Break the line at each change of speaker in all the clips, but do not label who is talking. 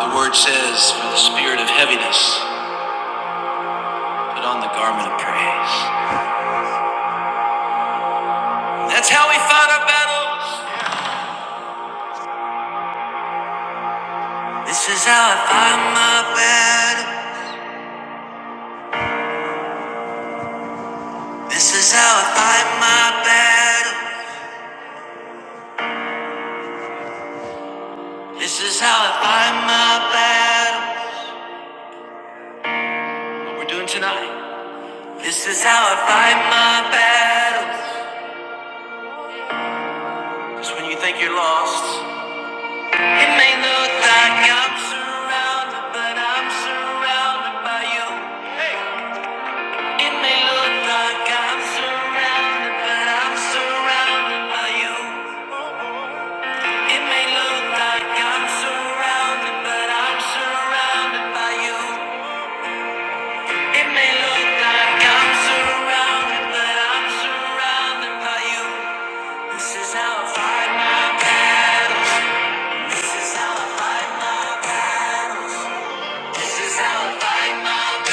The word says, for the spirit of heaviness, put on the garment of praise. That's how we fight our battles. This is how I fight my battle. This is how I fight my battle. This is how I fight my battle. What we're doing tonight. This is how I fight my battle. Because when you think you're lost, it may look like I'm surrounded, but I'm surrounded by you. It may look like I'm surrounded, but I'm surrounded by you. It may look like I'm surrounded, but I'm surrounded by you. It may look like I'm surrounded, but I'm surrounded by you. This is how I fight my battles. This is how I fight my battles. This is how I fight my battles.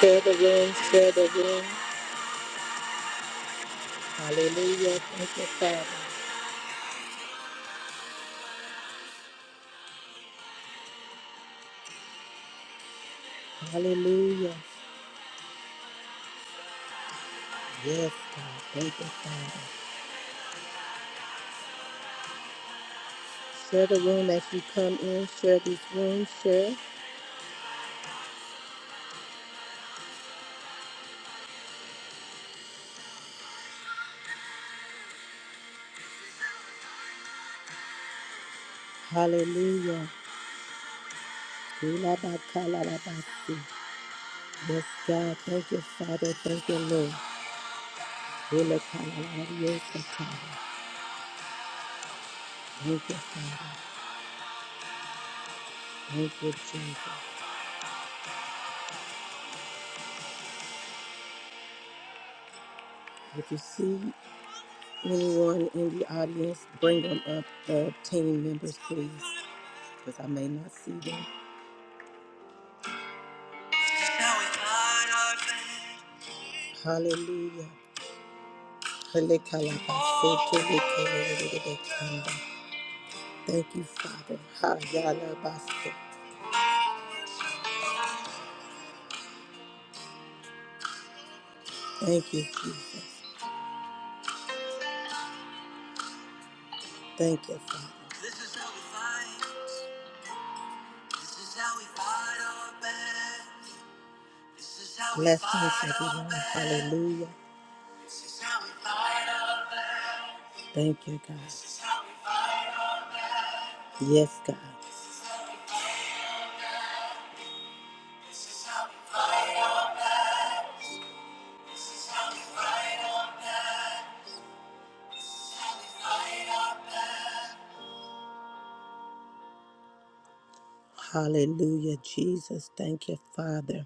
Share the room, share the room. Hallelujah. Thank you, Father. Hallelujah. Yes, God. Thank you, Father. Share the room as you come in. Share this room. Share. Hallelujah. Ilabakalabasi. Yes, God. Thank you, Father. Thank you, Lord. Ilakalabariosata. Thank you, Father. Thank you, Jesus. If you see anyone in the audience, bring them up, uh, team members, please, because I may not see them. Now we find our place. Hallelujah. Halekalabasotelekelelelekanda. Thank you, Father. Hayalabaso. Thank you, Jesus. Thank you, Father. This is how we fight. This is how we fight our battles. This is how we Blessings, fight our everyone. battles. Hallelujah. Thank you, God. Yes, God. Hallelujah, Jesus. Thank you, Father.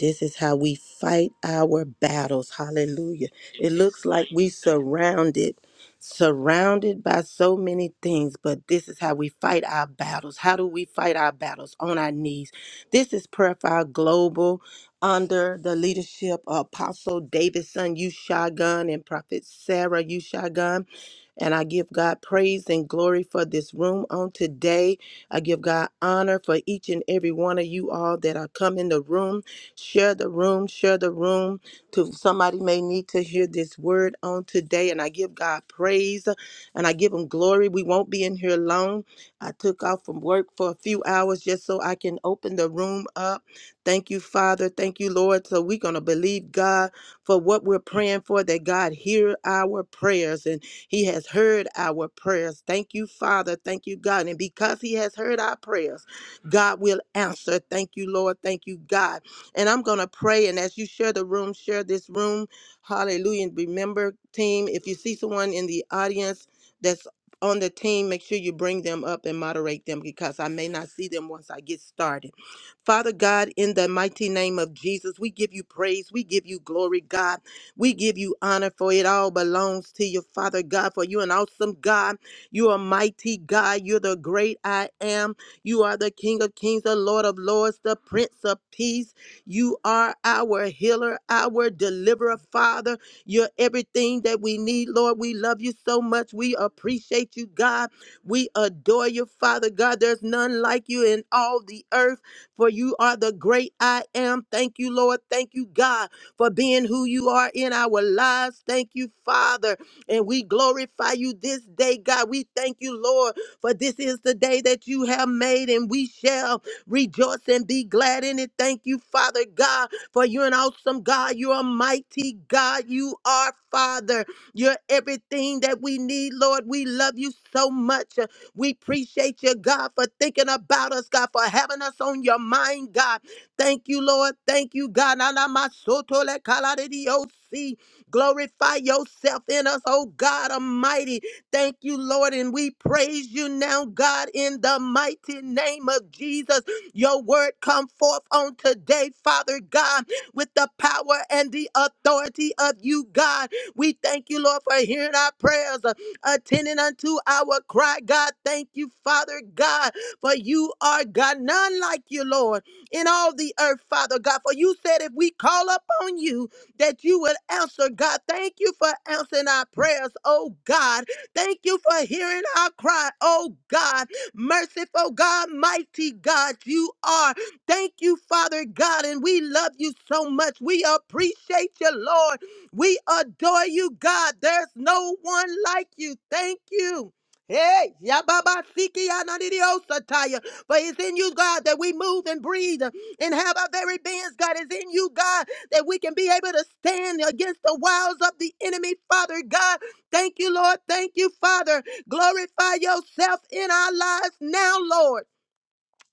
This is how we fight our battles. Hallelujah. It looks like we surrounded, surrounded by so many things, but this is how we fight our battles. How do we fight our battles? On our knees. This is Prayer Fire Global under the leadership of Apostle Davidson, Ushagun and Prophet Sarah, Ushagun. And I give God praise and glory for this room on today. I give God honor for each and every one of you all that are come in the room. Share the room, share the room to somebody may need to hear this word on today. And I give God praise and I give him glory. We won't be in here long. I took off from work for a few hours just so I can open the room up. Thank you, Father. Thank you, Lord. So we're going to believe God for what we're praying for, that God hear our prayers and he has heard our prayers. Thank you, Father. Thank you, God. And because he has heard our prayers, God will answer. Thank you, Lord. Thank you, God. And I'm going to pray. And as you share the room, share this room. Hallelujah. And remember, team, if you see someone in the audience that's on the team, make sure you bring them up and moderate them because I may not see them once I get started. Father God, in the mighty name of Jesus, we give you praise. We give you glory, God. We give you honor for it all belongs to you, Father God, for you're an awesome God. You are mighty God. You're the great I am. You are the King of kings, the Lord of lords, the Prince of peace. You are our healer, our deliverer, Father. You're everything that we need, Lord. We love you so much. We appreciate you, God. We adore you, Father God. There's none like you in all the earth, for you are the great I am. Thank you, Lord. Thank you, God, for being who you are in our lives. Thank you, Father. And we glorify you this day, God. We thank you, Lord, for this is the day that you have made, and we shall Rejoice and be glad in it. Thank you, Father God, for you're an awesome God. You're a mighty God. You are Father. You're everything that we need, Lord. We love you so much. We appreciate you, God, for thinking about us, God, for having us on your mind, God. Thank you, Lord. Thank you, God. Nanamasotolekaladidiyosi. Glorify yourself in us, oh God Almighty. Thank you, Lord. And we praise you now, God, in the mighty name of Jesus. Your word come forth on today, Father God, with the power and the authority of you, God. We thank you, Lord, for hearing our prayers, uh, attending unto our cry, God. Thank you, Father God, for you are God, none like you, Lord, in all the earth, Father God. For you said if we call upon you, that you will answer, God. Thank you for answering our prayers, oh God. Thank you for hearing our cry, oh God merciful God, mighty God, you are. Thank you, Father God, and we love you so much. We appreciate you, Lord. We adore you, God. There's no one like you. Thank you. Hey, Yababa Siki Ananidiosataya. For it's in you, God, that we move and breathe and have our very beings, God. It's in you, God, that we can be able to stand against the wiles of the enemy, Father God. Thank you, Lord. Thank you, Father. Glorify yourself in our lives now, Lord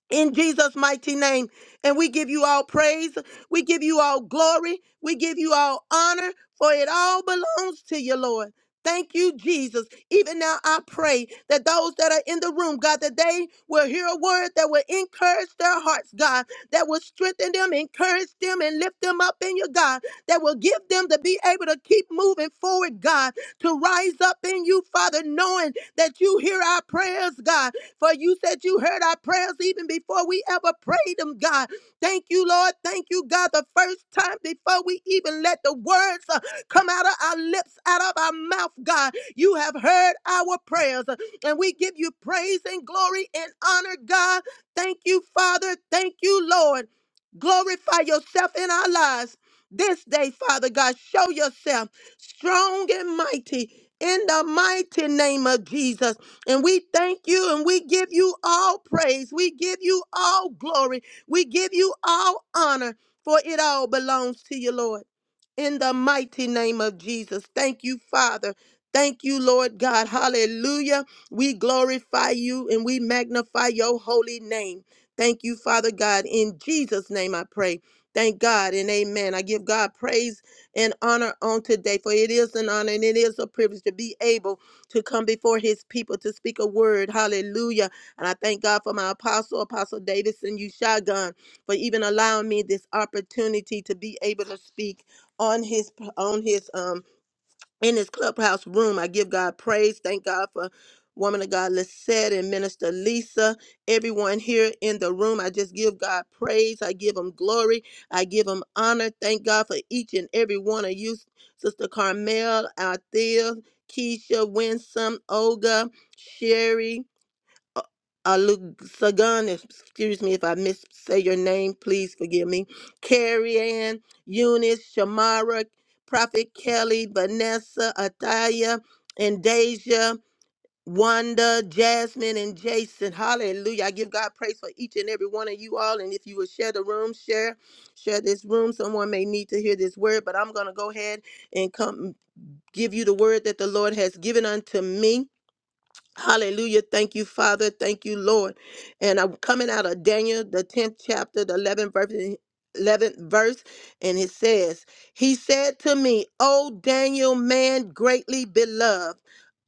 in Jesus' mighty name. And we give you all praise. We give you all glory. We give you all honor, for it all belongs to you, Lord. Thank you, Jesus. Even now, I pray that those that are in the room, God, that they will hear a word that will encourage their hearts, God, that will strengthen them, encourage them, and lift them up in you, God, that will give them to be able to keep moving forward, God, to rise up in you, Father, knowing that you hear our prayers, God, for you said you heard our prayers even before we ever prayed them, God. Thank you, Lord. Thank you, God, the first time before we even let the words uh, come out of our lips, out of our mouth, God. You have heard our prayers, uh, and we give you praise and glory and honor, God. Thank you, Father. Thank you, Lord. Glorify yourself in our lives this day, Father God. Show yourself strong and mighty in the mighty name of Jesus. And we thank you and we give you all praise. We give you all glory. We give you all honor, for it all belongs to you, Lord. In the mighty name of Jesus. Thank you, Father. Thank you, Lord God. Hallelujah. We glorify you and we magnify your holy name. Thank you, Father God. In Jesus' name I pray. Thank God and amen. I give God praise and honor on today, for it is an honor and it is a privilege to be able to come before his people to speak a word. Hallelujah. And I thank God for my apostle, Apostle Davidson Ushagun, for even allowing me this opportunity to be able to speak on his on his um in this clubhouse room. I give God praise. Thank God for woman of God Lisette and Minister Lisa, everyone here in the room. I just give God praise. I give him glory. I give him honor. Thank God for each and every one of you, Sister Carmel, Althea, Keisha, Winsome, Olga, Sherry uh, Alugsagan, excuse me if I miss say your name, please forgive me. Carrie Ann, Eunice, Shamara, Prophet Kelly, Vanessa, Ataya, and Deja, Wanda, Jasmine, and Jason. Hallelujah. I give God praise for each and every one of you all. And if you would share the room, share, share this room. Someone may need to hear this word, but I'm gonna go ahead and come give you the word that the Lord has given unto me. Hallelujah. Thank you, Father. Thank you, Lord. And I'm coming out of Daniel, the 10th chapter, the 11th verse. 11th verse, and it says, He said to me, O Daniel, man greatly beloved,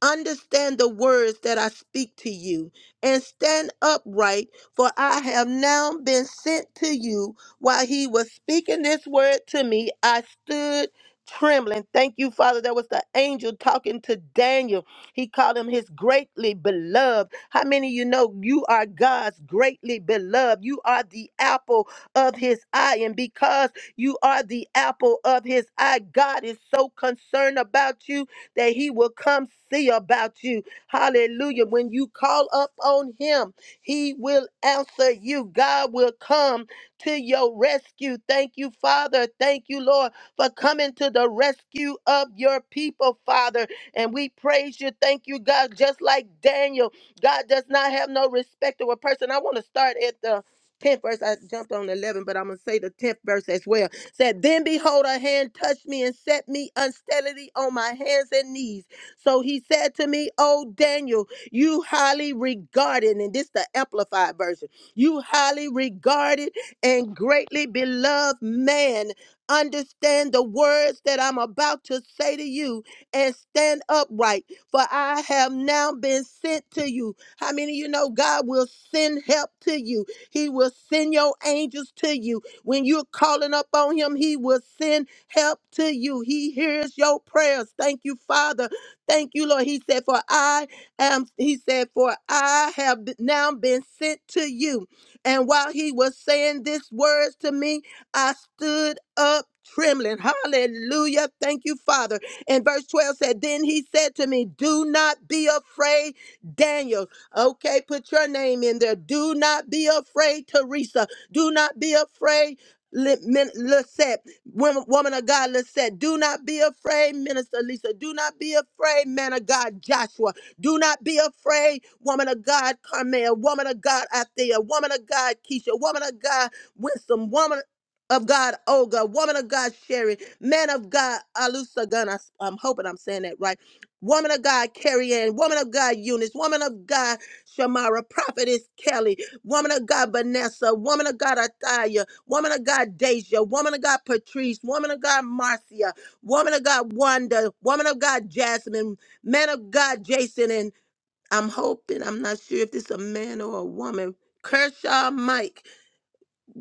understand the words that I speak to you, and stand upright, for I have now been sent to you. While he was speaking this word to me, I stood trembling. Thank you, Father. That was the angel talking to Daniel he called him his greatly beloved. How many of you know you are God's greatly beloved? You are the apple of his eye. And because you are the apple of his eye, God is so concerned about you that he will come see about you. Hallelujah. When you call up on him, he will answer you. God will come to your rescue. Thank you, Father. Thank you, Lord, for coming to the rescue of your people, Father. And we praise you. Thank you, God. Just like Daniel, God does not have no respect of a person. I want to start at the 10th verse. I jumped on 11, but I'm going to say the 10th verse as well. Said, Then behold, a hand touched me and set me unsteadily on my hands and knees. So he said to me, Oh, Daniel, you highly regarded, and this the amplified version, you highly regarded and greatly beloved man. Understand the words that I'm about to say to you and stand upright, for I have now been sent to you. How many of you know God will send help to you? He will send your angels to you. When you're calling up on Him, He will send help to you. He hears your prayers. Thank you, Father. Thank you, Lord. He said, For I am, He said, For I have b- now been sent to you. And while He was saying these words to me, I stood up trembling. Hallelujah. Thank you, Father. And verse 12 said, Then he said to me, Do not be afraid, Daniel. Okay, put your name in there. Do not be afraid, Teresa. Do not be afraid. Li- Min- Lisette, women, woman of God, Lisette, do not be afraid, Minister Lisa. Do not be afraid, man of God, Joshua. Do not be afraid, woman of God, Carmel. Woman of God, Athea. Woman of God, Keisha. Woman of God, Winsome. Woman of God, Olga. Woman of God, Sherry. Man of God, Alusa Gun, I, am hoping I'm saying that right. Woman of God, Carrie Ann. Woman of God, Eunice. Woman of God, Shamara. Prophetess Kelly. Woman of God, Vanessa. Woman of God, Ataya. Woman of God, Deja. Woman of God, Patrice. Woman of God, Marcia. Woman of God, Wanda. Woman of God, Jasmine. Man of God, Jason. And I'm hoping, I'm not sure if this is a man or a woman. Kershaw Mike.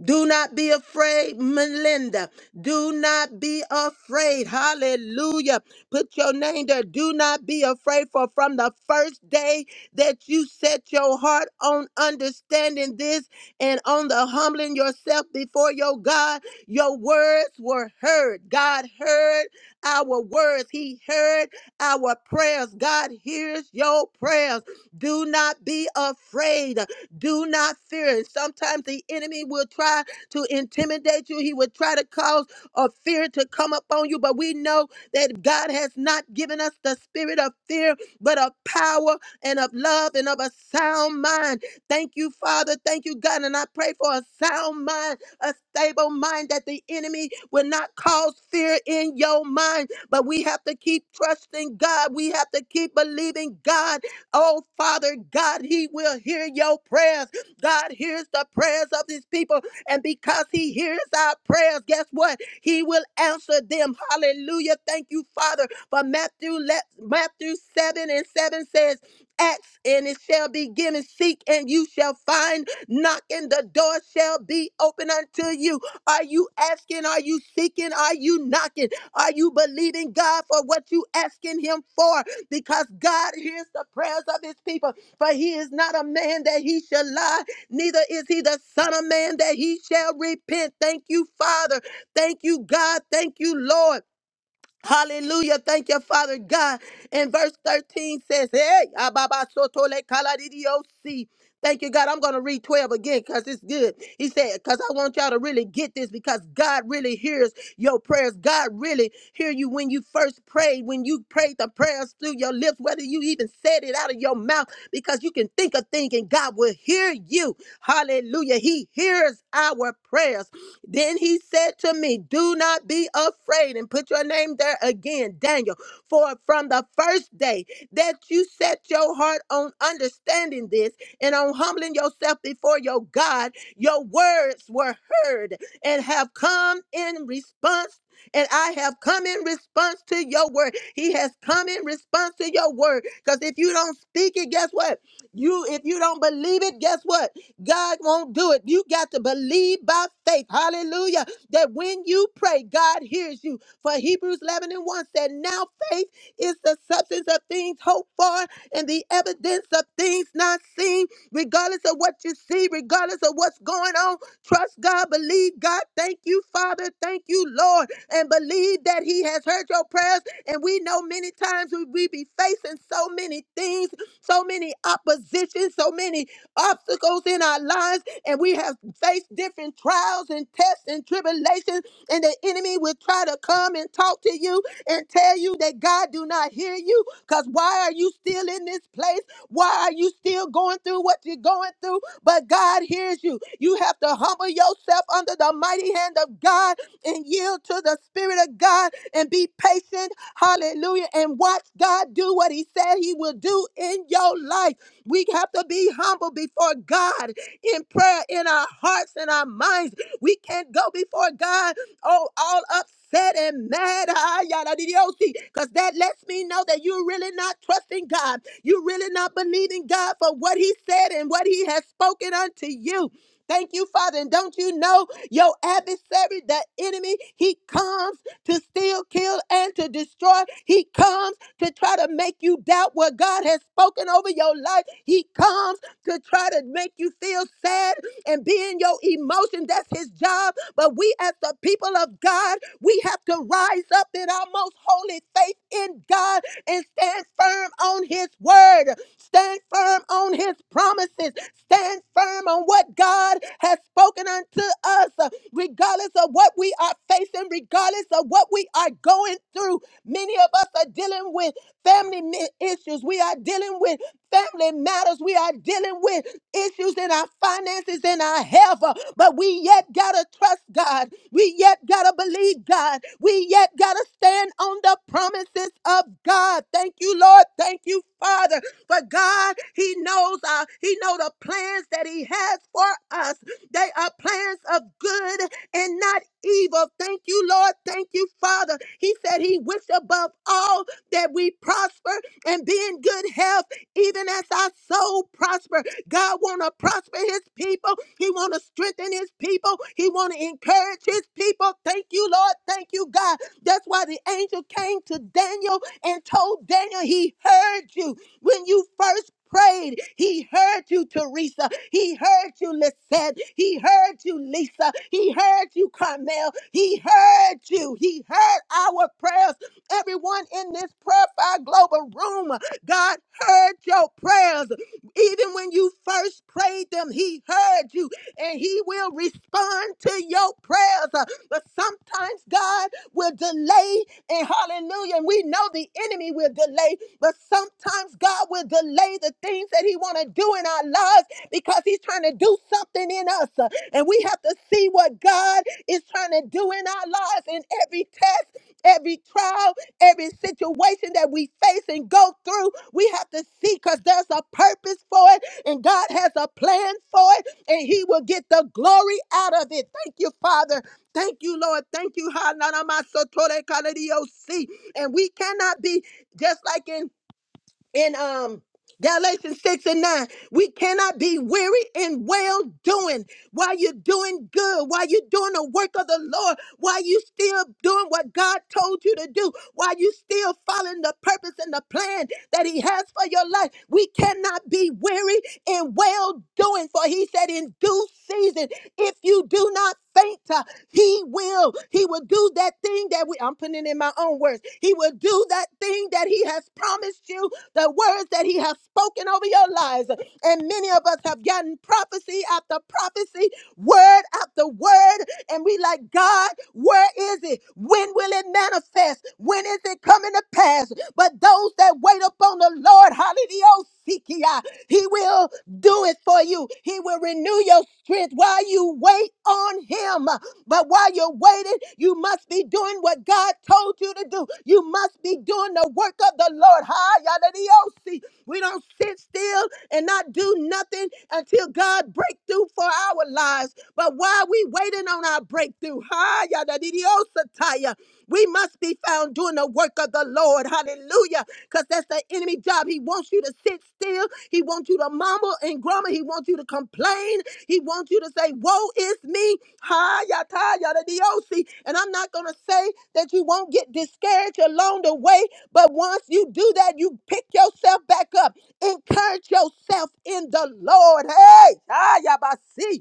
Do not be afraid, Melinda. Do not be afraid. Hallelujah. Put your name there. Do not be afraid, for from the first day that you set your heart on understanding this and on the humbling yourself before your God, your words were heard. God heard our words, He heard our prayers. God hears your prayers. Do not be afraid. Do not fear. And sometimes the enemy will try to intimidate you. He will try to cause a fear to come upon you. But we know that God has not given us the spirit of fear, but of power and of love and of a sound mind. Thank you, Father. Thank you, God. And I pray for a sound mind, a stable mind, that the enemy will not cause fear in your mind. But we have to keep trusting God. We have to keep believing God Oh, Father God, He will hear your prayers. God hears the prayers of His people. And because He hears our prayers, guess what? He will answer them. Hallelujah. Thank you, Father. For Matthew, let Matthew 7 and 7 says, Ask and it shall be given, seek and you shall find, knock and the door shall be open unto you. Are you asking? Are you seeking? Are you knocking? Are you believing God for what you asking him for? Because God hears the prayers of his people. For he is not a man that he shall lie, neither is he the son of man that he shall repent. Thank you, Father. Thank you, God. Thank you, Lord. Hallelujah. Thank you, Father God. And verse 13 says, Hey, Ababa Sotole Kaladidiosi. Thank you, God. I'm going to read 12 again because it's good. He said, because I want y'all to really get this because God really hears your prayers. God really hear you when you first prayed, when you prayed the prayers through your lips, whether you even said it out of your mouth, because you can think a thing and God will hear you. Hallelujah. He hears our prayers. Then he said to me, Do not be afraid, and put your name there again, Daniel. For from the first day that you set your heart on understanding this and on humbling yourself before your God, your words were heard and have come in response. And I have come in response to your word. He has come in response to your word. Because if you don't speak it, guess what? You, if you don't believe it, guess what? God won't do it. You got to believe by faith. Hallelujah. That when you pray, God hears you. For Hebrews 11 and 1 said, Now faith is the substance of things hoped for and the evidence of things not seen. Regardless of what you see, regardless of what's going on, trust God, believe God. Thank you, Father. Thank you, Lord. And believe that He has heard your prayers. And we know many times we we be facing so many things, so many oppositions, so many obstacles in our lives, and we have faced different trials and tests and tribulations, and the enemy will try to come and talk to you and tell you that God do not hear you? Because why are you still in this place? Why are you still going through what you're going through? But God hears you. You have to humble yourself under the mighty hand of God and yield to the Spirit of God and be patient. Hallelujah. And watch God do what He said He will do in your life. We have to be humble before God in prayer in our hearts and our minds. We can't go before God, oh, all upset and mad. Because that lets me know that you're really not trusting God. You're really not believing God for what He said and what He has spoken unto you. Thank you, Father. And don't you know your adversary, the enemy, he comes to steal, kill, and to destroy. He comes to try to make you doubt what God has spoken over your life. He comes to try to make you feel sad and be in your emotion. That's his job. But we, as the people of God, we have to rise up in our most holy faith in God and stand firm on his word, stand firm on his promises, stand firm on what God has spoken unto us, Uh, regardless of what we are facing, regardless of what we are going through. Many of us are dealing with family mi- issues, we are dealing with family matters. We are dealing with issues in our finances and our health, uh, but we yet gotta trust God. We yet gotta believe God. We yet gotta stand on the promises of God. Thank you, Lord. Thank you, Father. For God, He knows our, He know the plans that He has for us. They are plans of good and not not evil. Thank you, Lord. Thank you, Father. He said he wished above all that we prosper and be in good health, even as our soul prosper. God want to prosper his people. He want to strengthen his people. He want to encourage his people. Thank you, Lord. Thank you, God. That's why the angel came to Daniel and told Daniel he heard you. When you first prayed, he heard you, Teresa. He heard you, Lisette. He heard you, Lisa. He heard you, Carmel. He heard you. He heard our prayers Everyone in this prayer fire global room, God heard your prayers. Even when you first prayed them, He heard you and He will respond to your prayers. Uh, But sometimes God will delay, and hallelujah, and we know the enemy will delay, but sometimes God will delay the things that He want to do in our lives because He's trying to do something in us. Uh, And we have to see what God is trying to do in our lives in every test every trial, every situation that we face and go through, we have to see because there's a purpose for it and God has a plan for it and He will get the glory out of it. Thank you, Father. Thank you, Lord. Thank you. Hananamasotore kaleriosi. And we cannot be just like in in um Galatians 6 and 9. We cannot be weary in well doing while you're doing good, while you're doing the work of the Lord, while you still doing what God told you to do, while you still following the purpose and the plan that He has for your life. We cannot be weary in well doing, for He said, in due season. If you do not faint, uh, he will. He will do that thing that we, I'm putting it in my own words. He will do that thing that he has promised you, the words that he has spoken over your lives. And many of us have gotten prophecy after prophecy, word after word, and we like, God, where is it? When will it manifest? When is it coming to pass? But those that wait upon the Lord, hallelujah, he will do it for you. He will renew your strength while you wait on him. But while you're waiting, you must be doing what God told you to do. You must be doing the work of the Lord. Hi, yadadiosi. We don't sit still and not do nothing until God breakthrough for our lives. But while we waiting on our breakthrough, hi, yadadidiosataya, we must be found doing the work of the Lord. Hallelujah. Because that's the enemy job. He wants you to sit still. He wants you to mumble and grumble. He wants you to complain. He wants you to say, Woe is me. Hi, yata, yada, diosi. And I'm not going to say that you won't get discouraged along the way, but once you do that, you pick yourself back up. Encourage yourself in the Lord. Hey, ah, hi, yabasi.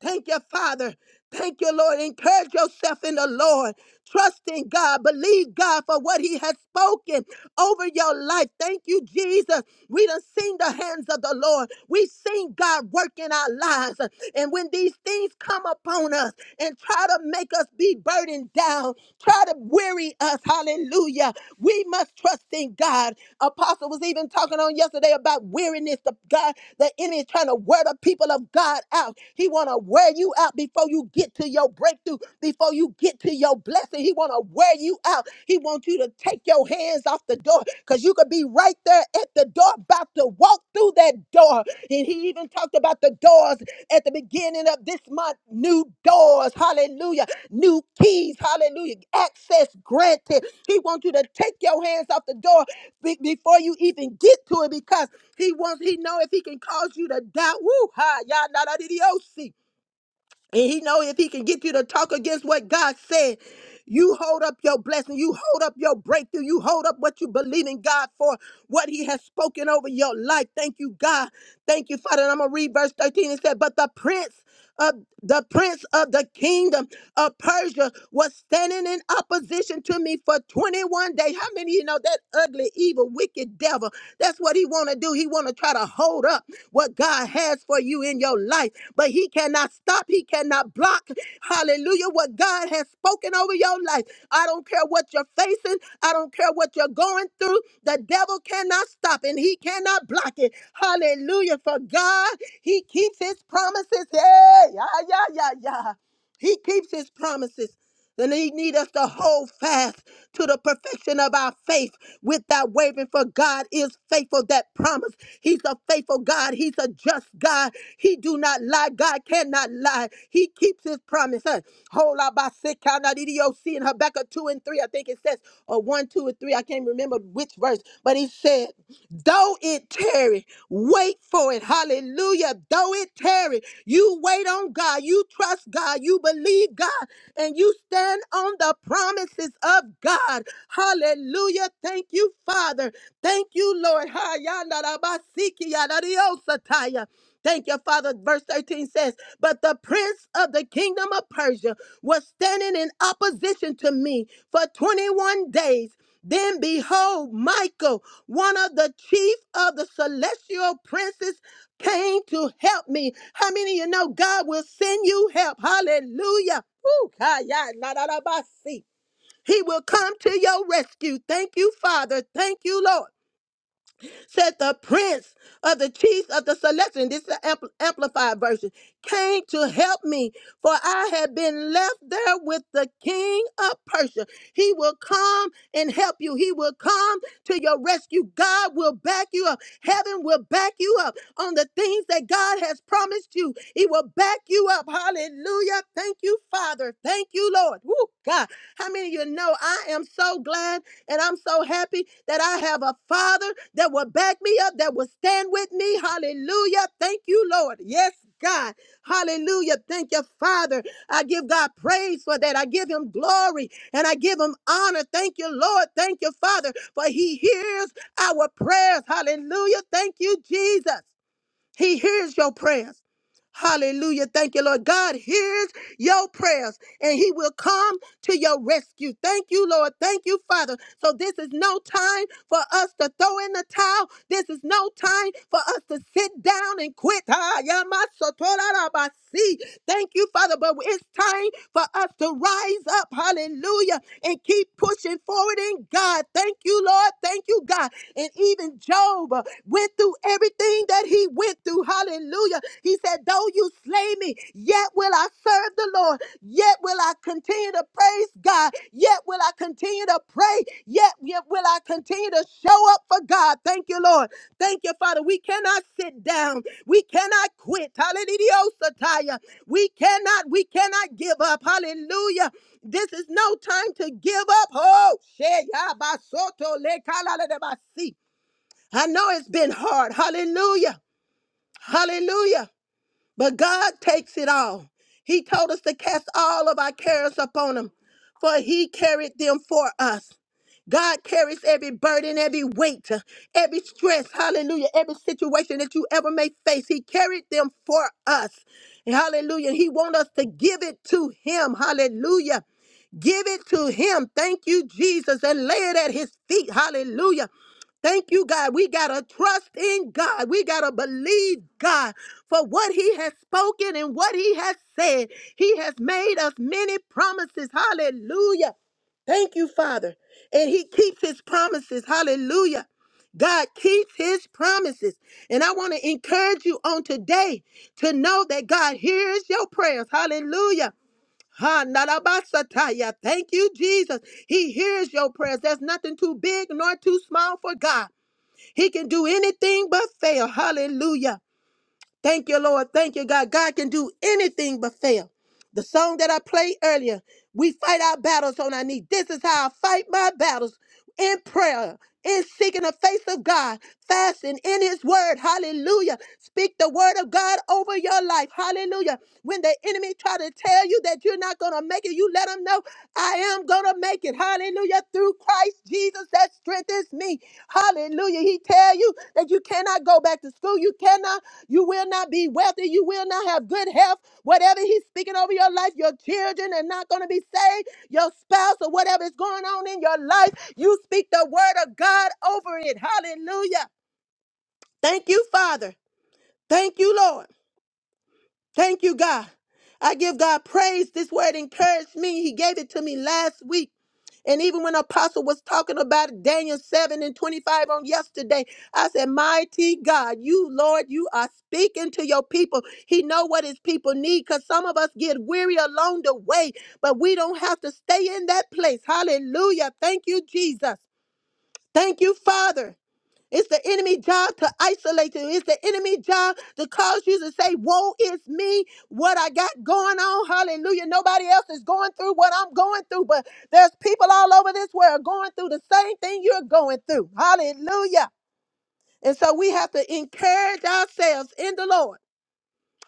Thank you, Father. Thank you, Lord. Encourage yourself in the Lord. Trust in God. Believe God for what He has spoken over your life. Thank you, Jesus. We done seen the hands of the Lord. We seen God work in our lives. And when these things come upon us and try to make us be burdened down, try to weary us, hallelujah, we must trust in God. Apostle was even talking on yesterday about weariness. The God, the enemy is trying to wear the people of God out. He want to want to wear you out before you get to your breakthrough, before you get to your blessing. He want to wear you out. He wants you to take your hands off the door because you could be right there at the door about to walk through that door. And he even talked about the doors at the beginning of this month new doors, hallelujah, new keys, hallelujah, access granted. He wants you to take your hands off the door be- before you even get to it because he wants, he know if he can cause you to doubt, woo, ha, ya, na, na, di, di, oh, see. And he know if he can get you to talk against what God said, you hold up your blessing, you hold up your breakthrough, you hold up what you believe in God for, what he has spoken over your life. Thank you, God. Thank you, Father. And I'm gonna read verse 13. It said, But the prince of the prince of the kingdom of Persia was standing in opposition to me for 21 days. How many of you know that ugly, evil, wicked? wicked devil. That's what he want to do. He want to try to hold up what God has for you in your life, but he cannot stop. He cannot block. Hallelujah. What God has spoken over your life. I don't care what you're facing. I don't care what you're going through. The devil cannot stop and he cannot block it. Hallelujah. For God, he keeps his promises. Hey, yeah, yeah, yeah, yeah. He keeps his promises. And he need us to hold fast to the perfection of our faith without wavering, for God is faithful. That promise. He's a faithful God. He's a just God. He do not lie. God cannot lie. He keeps his promise. Huh? Hold out by sick count out EDOC in Habakkuk 2 and 3. I think it says, or 1, 2, and 3. I can't remember remember which verse, but he said, Though it tarry, wait for it. Hallelujah. Though it tarry, you wait on God, you trust God, you believe God, and you stand on the promises of God. Hallelujah. Thank you, Father. Thank you, Lord. Ha-ya-na-ra-ba-si-ki-ya-na-ri-o-sa-ta-ya. Thank you, Father. Verse 13 says, But the prince of the kingdom of Persia was standing in opposition to me for 21 days. Then behold, Michael, one of the chief of the celestial princes, came to help me. How many of you know God will send you help? Hallelujah. Woo, kaya, la, la, la, ba, si. He will come to your rescue. Thank you, Father. Thank you, Lord said the prince of the chiefs of the selection. this is the ampl- amplified version, came to help me, for I had been left there with the king of Persia. He will come and help you. He will come to your rescue. God will back you up. Heaven will back you up on the things that God has promised you. He will back you up. Hallelujah. Thank you, Father. Thank you, Lord. Lord. Woo, God. How many of you know I am so glad and I'm so happy that I have a father that will back me up, that will stand with me. Hallelujah. Thank you, Lord. Yes, God. Hallelujah. Thank you, Father. I give God praise for that. I give him glory and I give him honor. Thank you, Lord. Thank you, Father, for he hears our prayers. Hallelujah. Thank you, Jesus. He hears your prayers. Hallelujah. Thank you, Lord. God hears your prayers and he will come to your rescue. Thank you, Lord. Thank you, Father. So this is no time for us to throw in the towel. This is no time for us to sit down and quit. Ah, yamasotorabasi. Thank you, Father. But it's time for us to rise up. Hallelujah. And keep pushing forward in God. Thank you, Lord. Thank you, God. And even Job uh, went through everything that he went through. Hallelujah. He said, Though you slay me, yet will I serve the Lord. Yet will I continue to praise God. Yet will I continue to pray. Yet, yet will I continue to show up for God. Thank you, Lord. Thank you, Father. We cannot sit down. We cannot quit. Hallelujah. Satya. We cannot, we cannot give up. Hallelujah. This is no time to give up. Oh, shit. I know it's been hard. Hallelujah. Hallelujah. But God takes it all. He told us to cast all of our cares upon him, for he carried them for us. God carries every burden, every weight, every stress, hallelujah, every situation that you ever may face. He carried them for us. Hallelujah. He wants us to give it to him. Hallelujah. Give it to him. Thank you, Jesus, and lay it at his feet. Hallelujah. Thank you, God. We got to trust in God. We got to believe God for what He has spoken and what He has said. He has made us many promises. Hallelujah. Thank you, Father. And He keeps His promises. Hallelujah. God keeps His promises. And I want to encourage you on today to know that God hears your prayers. Hallelujah. Ha, narabasataya. Thank you, Jesus. He hears your prayers. There's nothing too big nor too small for God. He can do anything but fail. Hallelujah. Thank you, Lord. Thank you, God. God can do anything but fail. The song that I played earlier, we fight our battles on our knees. This is how I fight my battles in prayer, in seeking the face of God, fasting in His word. Hallelujah. Speak the word of God over your life. Hallelujah. When the enemy try to tell you that you're not going to gonna make it. You let them know I am gonna make it. Hallelujah. Through Christ Jesus that strengthens me. Hallelujah. He tell you that you cannot go back to school. You cannot, you will not be wealthy. You will not have good health. Whatever he's speaking over your life, your children are not gonna be saved. Your spouse or whatever is going on in your life, you speak the word of God over it. Hallelujah. Thank you, Father. Thank you, Lord. Thank you, God. I give God praise. This word encouraged me. He gave it to me last week. And even when Apostle was talking about Daniel 7 and 25 on yesterday, I said, Mighty God, you, Lord, you are speaking to your people. He know what his people need because some of us get weary along the way, but we don't have to stay in that place. Hallelujah. Thank you, Jesus. Thank you, Father. It's the enemy job to isolate you. It's the enemy job to cause you to say, Woe is me, what I got going on. Hallelujah. Nobody else is going through what I'm going through, but there's people all over this world going through the same thing you're going through. Hallelujah. And so we have to encourage ourselves in the Lord.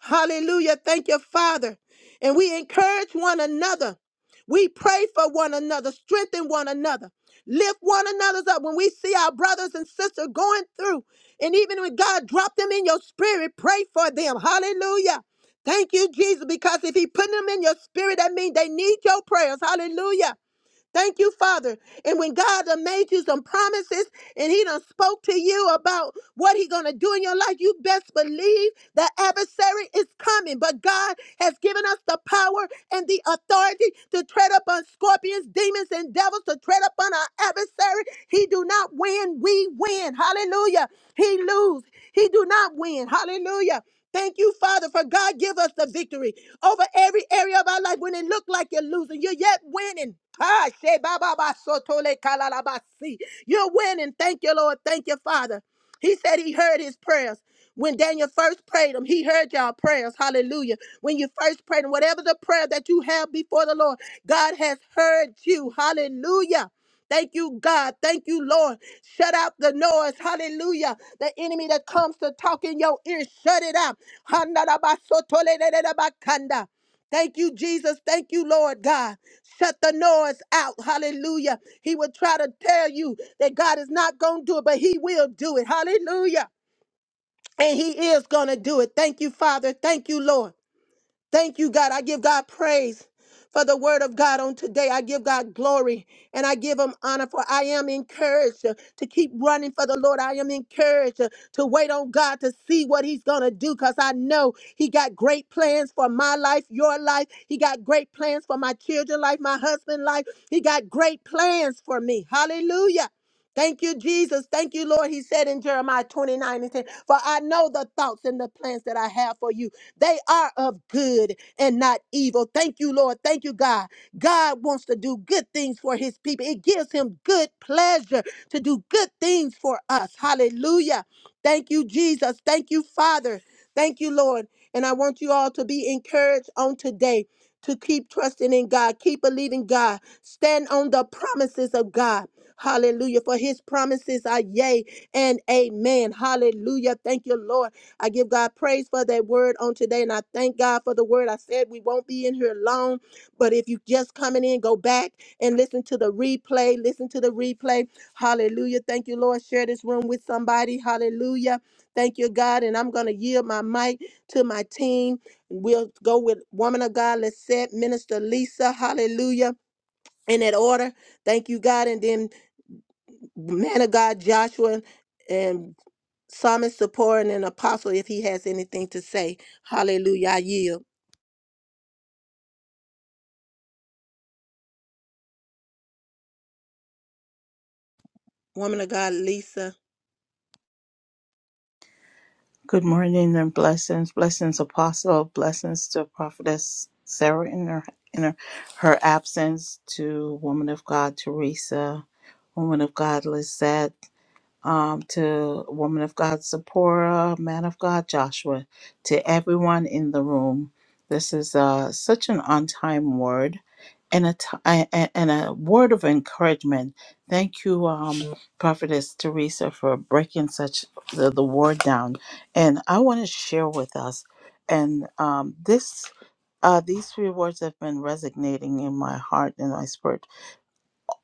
Hallelujah. Thank you, Father. And we encourage one another. We pray for one another, strengthen one another, lift one another's up. When we see our brothers and sisters going through, and even when God dropped them in your spirit, pray for them. Hallelujah. Thank you, Jesus, because if He put them in your spirit, that means they need your prayers. Hallelujah. Thank you, Father. And when God done made you some promises and he done spoke to you about what he gonna do in your life, you best believe the adversary is coming. But God has given us the power and the authority to tread upon scorpions, demons, and devils, to tread upon our adversary. He do not win, we win. Hallelujah. He lose. He do not win. Hallelujah. Thank you, Father, for God give us the victory over every area of our life. When it looked like you're losing, you're yet winning. Ah, she ba ba ba so to le ka la la ba si. You're winning. Thank you, Lord. Thank you, Father. He said he heard his prayers. When Daniel first prayed him, he heard y'all prayers. Hallelujah. When you first prayed him, whatever the prayer that you have before the Lord, God has heard you. Hallelujah. Thank you, God. Thank you, Lord. Shut out the noise. Hallelujah. The enemy that comes to talk in your ear, shut it out. Hanarabasotolelelebakanda. Thank you, Jesus. Thank you, Lord God. Shut the noise out. Hallelujah. He will try to tell you that God is not going to do it, but He will do it. Hallelujah. And He is going to do it. Thank you, Father. Thank you, Lord. Thank you, God. I give God praise for the word of God on today. I give God glory and I give him honor for I am encouraged uh, to keep running for the Lord. I am encouraged uh, to wait on God to see what he's going to do because I know he got great plans for my life, your life. He got great plans for my children life, my husband life. He got great plans for me. Hallelujah. Thank you, Jesus. Thank you, Lord. He said in Jeremiah 29 and 10, For I know the thoughts and the plans that I have for you. They are of good and not evil. Thank you, Lord. Thank you, God. God wants to do good things for his people. It gives him good pleasure to do good things for us. Hallelujah. Thank you, Jesus. Thank you, Father. Thank you, Lord. And I want you all to be encouraged on today to keep trusting in God, keep believing God, stand on the promises of God. Hallelujah. For his promises are yea and amen. Hallelujah. Hallelujah. Thank you, Lord. I give God praise for that word on today. And I thank God for the word. I said we won't be in here long, but if you just coming in, go back and listen to the replay. Listen to the replay. Hallelujah. Thank you, Lord. Share this room with somebody. Hallelujah. Thank you, God. And I'm going to yield my mic to my team. We'll go with woman of God, Let's set Minister Lisa. Hallelujah. In that order. Thank you, God. And then man of God Joshua and psalmist supporting and apostle if he has anything to say. Hallelujah. I yield. Woman of God Lisa.
Good morning and blessings, blessings, Apostle, blessings to Prophetess Sarah in her in her, her absence, to Woman of God Teresa, Woman of God Lizette um, to woman of God Zipporah, man of God Joshua, to everyone in the room. This is uh, such an on time word and a, t- a- a- and a word of encouragement. Thank you, um, Prophetess Teresa, for breaking such the, the word down. And I want to share with us, and um, this uh, these three words have been resonating in my heart and my spirit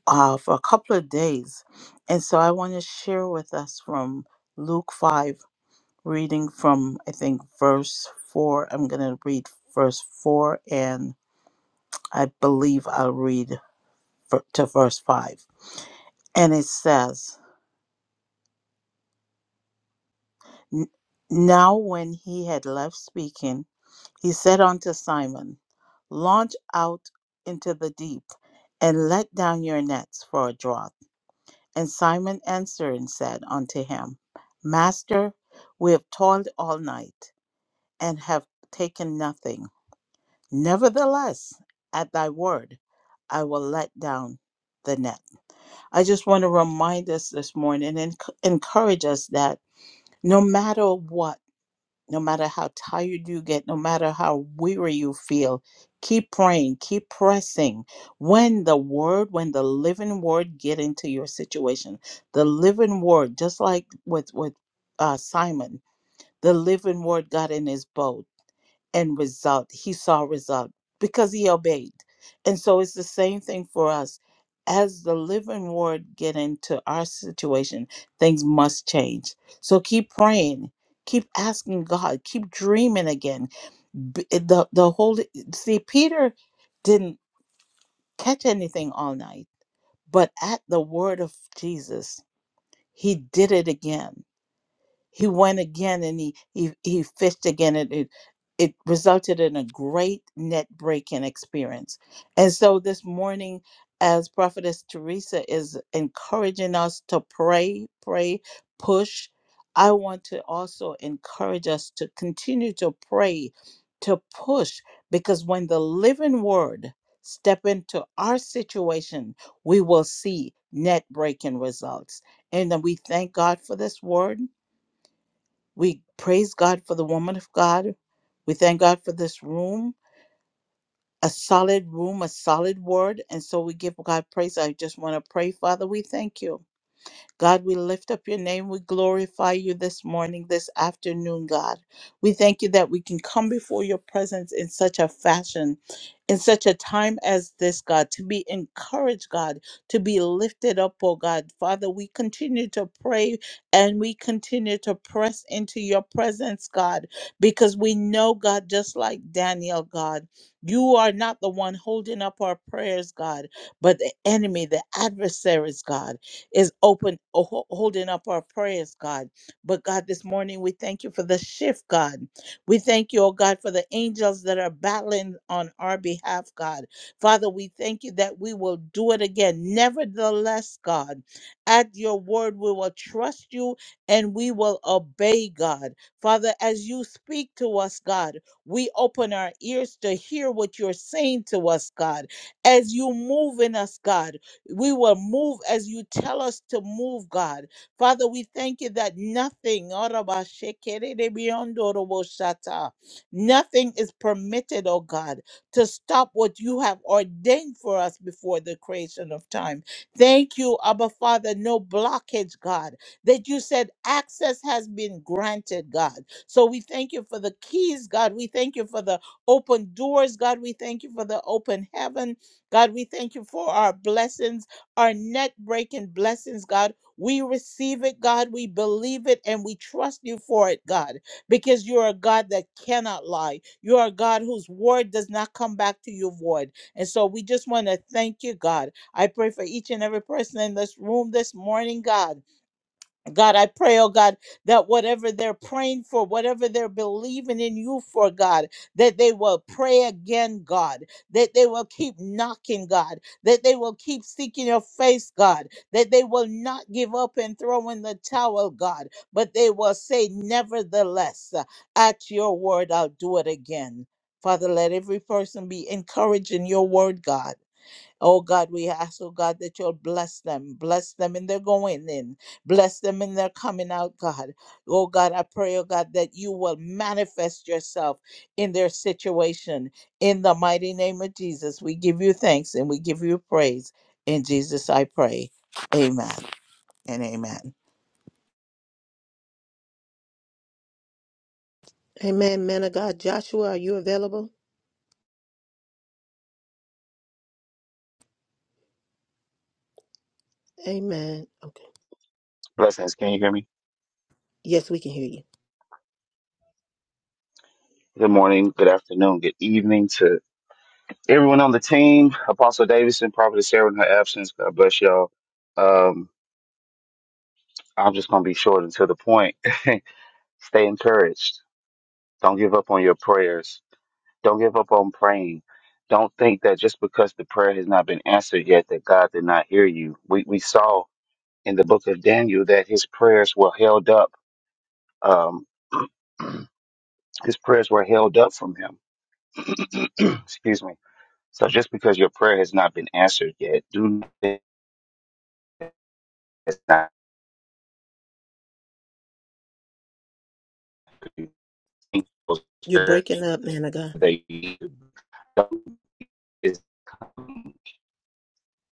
uh, for a couple of days. And so I want to share with us from Luke 5, reading from, I think, verse 4. I'm going to read verse 4, and I believe I'll read ver- to verse 5. And it says, "N- Now when he had left speaking, he said unto Simon, Launch out into the deep and let down your nets for a draught. And Simon answered and said unto him, Master, we have toiled all night and have taken nothing. Nevertheless, at thy word, I will let down the net. I just want to remind us this morning and enc- encourage us that no matter what, no matter how tired you get, no matter how weary you feel, keep praying, keep pressing. When the word, when the living word get into your situation, the living word, just like with with uh, Simon, the living word got in his boat and result. He saw result because he obeyed. And so it's the same thing for us. As the living word get into our situation, things must change. So keep praying, keep asking God, keep dreaming again. B- eh, The the holy see Peter didn't catch anything all night, but at the word of Jesus, he did it again he went again and he he, he fished again and it it resulted in a great net breaking experience and so this morning as prophetess teresa is encouraging us to pray pray push i want to also encourage us to continue to pray to push because when the living word step into our situation we will see net breaking results and then we thank god for this word we praise God for the woman of God. We thank God for this room, a solid room, a solid word. And so we give God praise. I just want to pray, Father, we thank you. God, we lift up your name. We glorify you this morning, this afternoon, God. We thank you that we can come before your presence in such a fashion, in such a time as this, God, to be encouraged, God, to be lifted up, oh God. Father, we continue to pray and we continue to press into your presence, God, because we know, God, just like Daniel, God, you are not the one holding up our prayers, God, but the enemy, the adversaries, God is open, ho- holding up our prayers, God. But God, this morning we thank you for the shift, God. We thank you, oh God, for the angels that are battling on our behalf, God. Father, we thank you that we will do it again. Nevertheless, God, at your word, we will trust you and we will obey, God. Father, as you speak to us, God, we open our ears to hear what you're saying to us, God. As you move in us, God, we will move as you tell us to move, God. Father, we thank you that nothing, nothing is permitted, oh God, to stop what you have ordained for us before the creation of time. Thank you, Abba Father, no blockage, God, that you said access has been granted, God. So we thank you for the keys, God. We thank you for the open doors, God. We thank you for the open heaven. God, we thank you for our blessings, our net breaking blessings, God. We receive it, God. We believe it and we trust you for it, God, because you're a God that cannot lie. You are a God whose word does not come back to you void. And so we just want to thank you, God. I pray for each and every person in this room this morning, God. God, I pray, oh God, that whatever they're praying for, whatever they're believing in you for, God, that they will pray again, God, that they will keep knocking, God, that they will keep seeking your face, God, that they will not give up and throw in the towel, God, but they will say, nevertheless, uh, at your word, I'll do it again. Father, let every person be encouraged in your word, God Oh God, we ask, oh God, that you'll bless them. Bless them in their going in. Bless them in their coming out, God. Oh God, I pray, oh God, that you will manifest yourself in their situation. In the mighty name of Jesus, we give you thanks and we give you praise. In Jesus, I pray. Amen and amen.
Amen. Man of God Joshua, are you available? Amen. Okay.
Blessings. Can you hear me?
Yes, we can hear you.
Good morning, good afternoon, good evening to everyone on the team. Apostle Davidson, Prophet Sarah in her absence. God bless y'all. Um, I'm just going to be short and to the point. Stay encouraged. Don't give up on your prayers. Don't give up on praying. Don't think that just because the prayer has not been answered yet that God did not hear you. We, we saw in the book of Daniel that his prayers were held up. Um, his prayers were held up from him. Excuse me So just because your prayer has not been answered yet, do not think it's not you think those
You're
prayers
breaking up, man of God.
that you Don't- it's-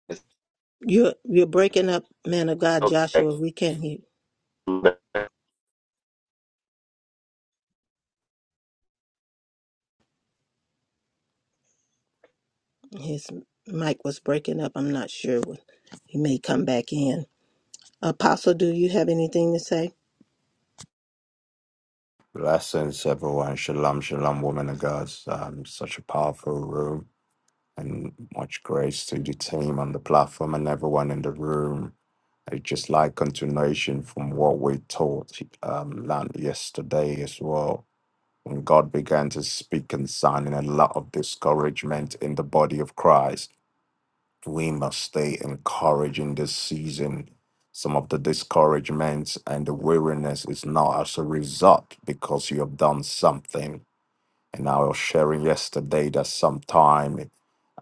it's
You're you're breaking up, man of God Joshua. We can't hear
okay.
his mic was breaking up. I'm not sure when he may come back in. Apostle, do you have anything to say?
Blessings, everyone. Shalom, shalom, women and girls. Um, such a powerful room, and much grace to the team on the platform and everyone in the room. It's just like continuation from what we taught um, learned yesterday as well. When God began to speak concerning a lot of discouragement in the body of Christ, we must stay encouraged in this season some of the discouragements and the weariness is not as a result because you have done something and I was sharing yesterday that sometime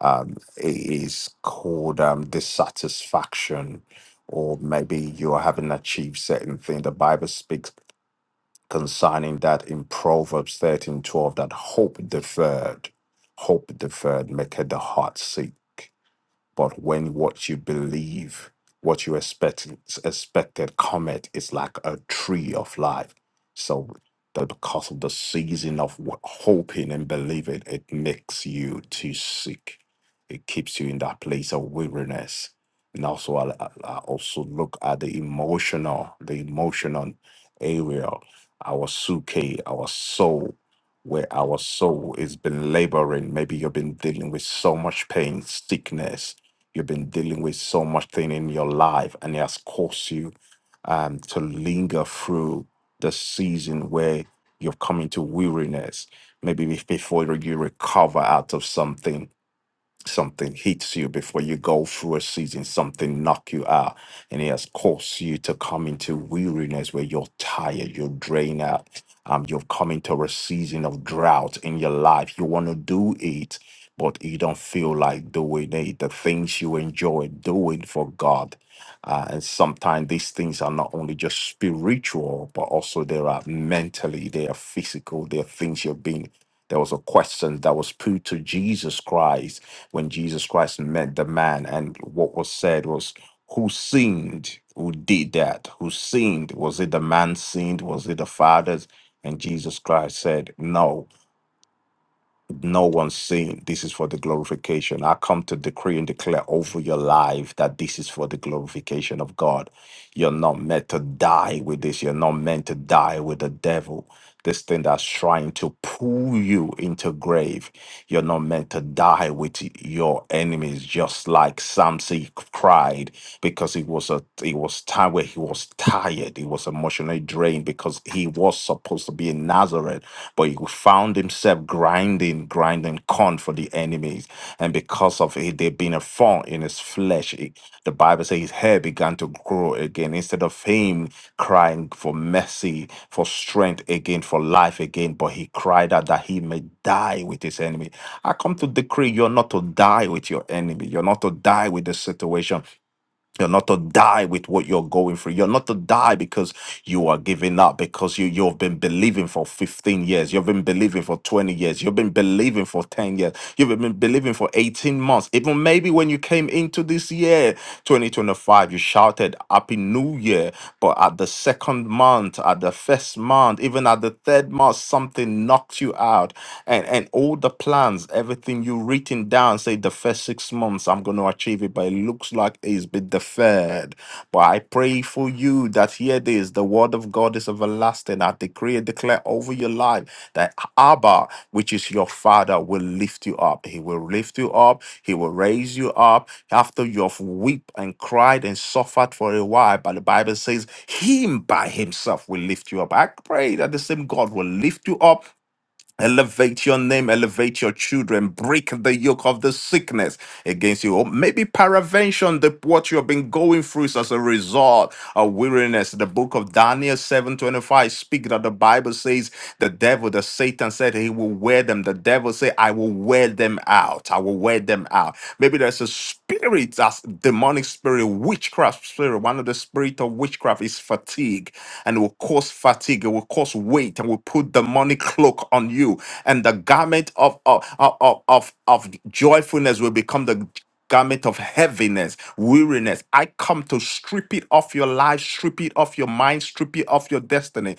um, it is called um, dissatisfaction, or maybe you haven't achieved certain thing. The Bible speaks concerning that in Proverbs thirteen twelve. that hope deferred, hope deferred, make the heart sick. But when what you believe, what you expect, expected comet is like a tree of life. So that because of the season of wh- hoping and believing, it makes you too sick. It keeps you in that place of weariness. And also, I, I I also look at the emotional, the emotional area, our suke, our soul, where our soul is been laboring. Maybe you've been dealing with so much pain, sickness, You've been dealing with so much thing in your life, and it has caused you um, to linger through the season where you've come into weariness. Maybe be- before you recover out of something, something hits you before you go through a season, something knock you out, and it has caused you to come into weariness where you're tired, you're drained out. Um, you've come into a season of drought in your life. You want to do it, but you don't feel like doing it. The things you enjoy doing for God. Uh, and sometimes these things are not only just spiritual, but also they are mentally, they are physical, they are things you're being. There was a question that was put to Jesus Christ when Jesus Christ met the man, and what was said was, Who sinned? Who did that? Who sinned? Was it the man sinned? Was it the fathers? And Jesus Christ said, No no one's saying This is for the glorification. I come to decree and declare over your life that this is for the glorification of God. You're not meant to die with this. You're not meant to die with the devil. This thing that's trying to pull you into grave. You're not meant to die with your enemies, just like Samson cried because it was a it was time where he was tired. He was emotionally drained because he was supposed to be in Nazareth, but he found himself himself grinding, grinding corn for the enemies. And because of it, there being a thorn in his flesh, it- the Bible says his hair began to grow again. Instead of him crying for mercy, for strength again, for life again, but he cried out that he may die with his enemy. I come to decree you're not to die with your enemy. You're not to die with the situation. You're not to die with what you're going through. You're not to die because you are giving up, because you, you've been believing for 15 years. You've been believing for 20 years. You've been believing for 10 years. You've been believing for 18 months. Even maybe when you came into this year, 2025, you shouted Happy New Year. But at the second month, at the first month, even at the third month, something knocked you out. And, and all the plans, everything you written down, say the first six months I'm going to achieve it, but it looks like it's been deferred. But I pray for you that here it is, the word of God is everlasting. I decree and declare over your life that Abba, which is your father, will lift you up. He will lift you up. He will raise you up after you have wept and cried and suffered for a while. But the Bible says, Him by Himself will lift you up. I pray that the same God will lift you up Elevate your name, elevate your children, break the yoke of the sickness against you. Or maybe paravention, the what you have been going through is as a result of weariness. The book of Daniel 7:25 speak that the Bible says the devil, the Satan said he will wear them. The devil say, I will wear them out. I will wear them out. Maybe there's a spirit that's demonic spirit, witchcraft spirit. One of the spirit of witchcraft is fatigue, and it will cause fatigue. It will cause weight, and will put demonic cloak on you. And the garment of of of of, of joyfulness will become the garment of heaviness, weariness. I come to strip it off your life, strip it off your mind, strip it off your destiny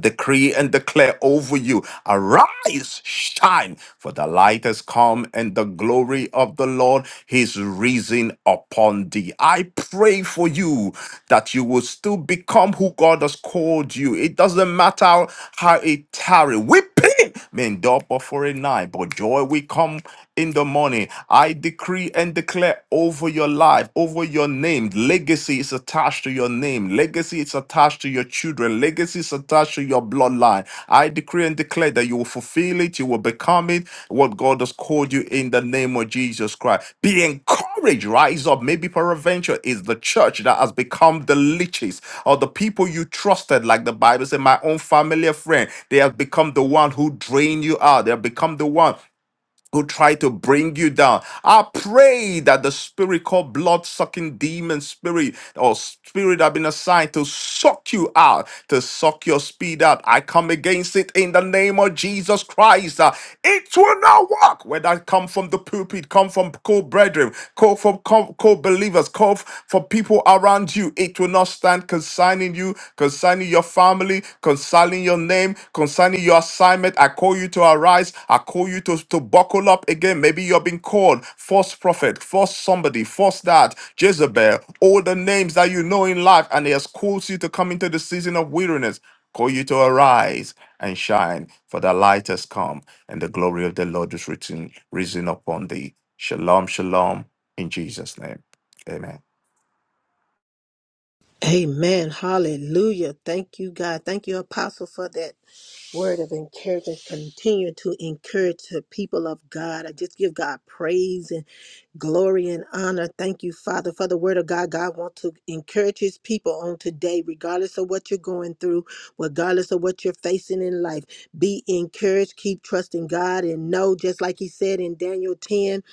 decree and declare over you arise shine for the light has come and the glory of the lord is risen upon thee i pray for you that you will still become who god has called you it doesn't matter how it tarry weeping Men double for a night, but joy will come in the morning. I decree and declare over your life, over your name. Legacy is attached to your name. Legacy is attached to your children. Legacy is attached to your bloodline. I decree and declare that you will fulfill it. You will will become it, what God has called you in the name of Jesus Christ. Be encouraged, rise up. Maybe peradventure is the church that has become the leeches or the people you trusted, like the Bible said, my own familiar friend. They have become the one who drain you out. They have become the one who try to bring you down. I pray that the spirit called blood sucking demon spirit or spirit that have been assigned to suck you out, to suck your speed out. I come against it in the name of Jesus Christ. Uh, It will not work. Whether I come from the pulpit, come from co-brethren, call from co-believers, call for people around you, it will not stand concerning you, concerning your family concerning your name, concerning your assignment. I call you to arise. I call you to, to buckle up again. Maybe you've been called false prophet, false somebody, false that, Jezebel, all the names that you know in life, and he has called you to come into the season of weariness. Call you to arise and shine, for the light has come, and the glory of the Lord is written, risen upon thee. Shalom, shalom, in Jesus' name. Amen.
Amen. Hallelujah. Thank you, God. Thank you, Apostle, for that word of encouragement. Continue to encourage the people of God. I just give God praise and glory and honor. Thank you, Father, for the word of God. God wants to encourage his people on today, regardless of what you're going through, regardless of what you're facing in life. Be encouraged. Keep trusting God and know, just like he said in Daniel 10,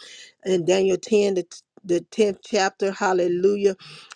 in Daniel 10, the, the 10th chapter, hallelujah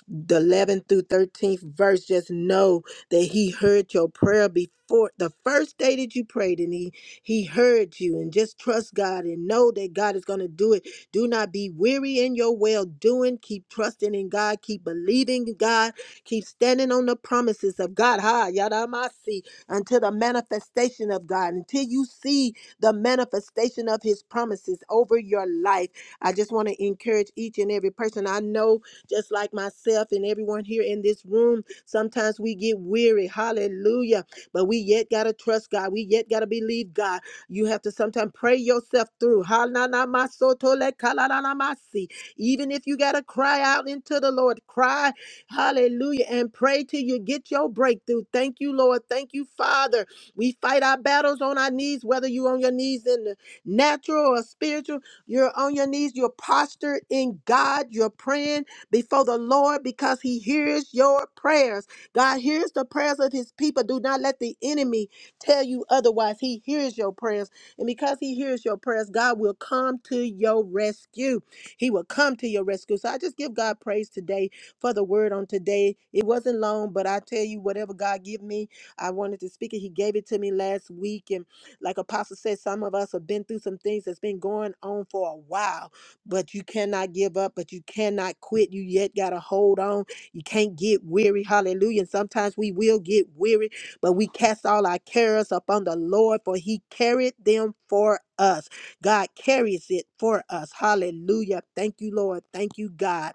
the 11th through 13th verse just know that he heard your prayer before the first day that you prayed and he he heard you and just trust god and know that god is going to do it do not be weary in your well doing keep trusting in god keep believing in god keep standing on the promises of god ha yadamasi until the manifestation of god until you see the manifestation of his promises over your life i just want to encourage each and every person i know just like myself and everyone here in this room. Sometimes we get weary. Hallelujah. But we yet got to trust God. We yet got to believe God. You have to sometimes pray yourself through. Ha-na-na-ma-so-to-le-ka-la-la-la-ma-si. Even if you got to cry out into the Lord, cry, hallelujah, and pray till you get your breakthrough. Thank you, Lord. Thank you, Father. We fight our battles on our knees, whether you're on your knees in the natural or spiritual, you're on your knees, you're postured in God, you're praying before the Lord because he hears your prayers. God hears the prayers of his people. Do not let the enemy tell you otherwise. He hears your prayers. And because he hears your prayers, God will come to your rescue. He will come to your rescue. So I just give God praise today for the word on today. It wasn't long, but I tell you, whatever God give me, I wanted to speak it. He gave it to me last week. And like Apostle said, some of us have been through some things that's been going on for a while but you cannot give up, but you cannot quit. You yet got to hold on. You can't get weary. Hallelujah. And sometimes we will get weary, but we cast all our cares upon the Lord, for he carried them for us. God carries it for us. Hallelujah. Thank you, Lord. Thank you, God.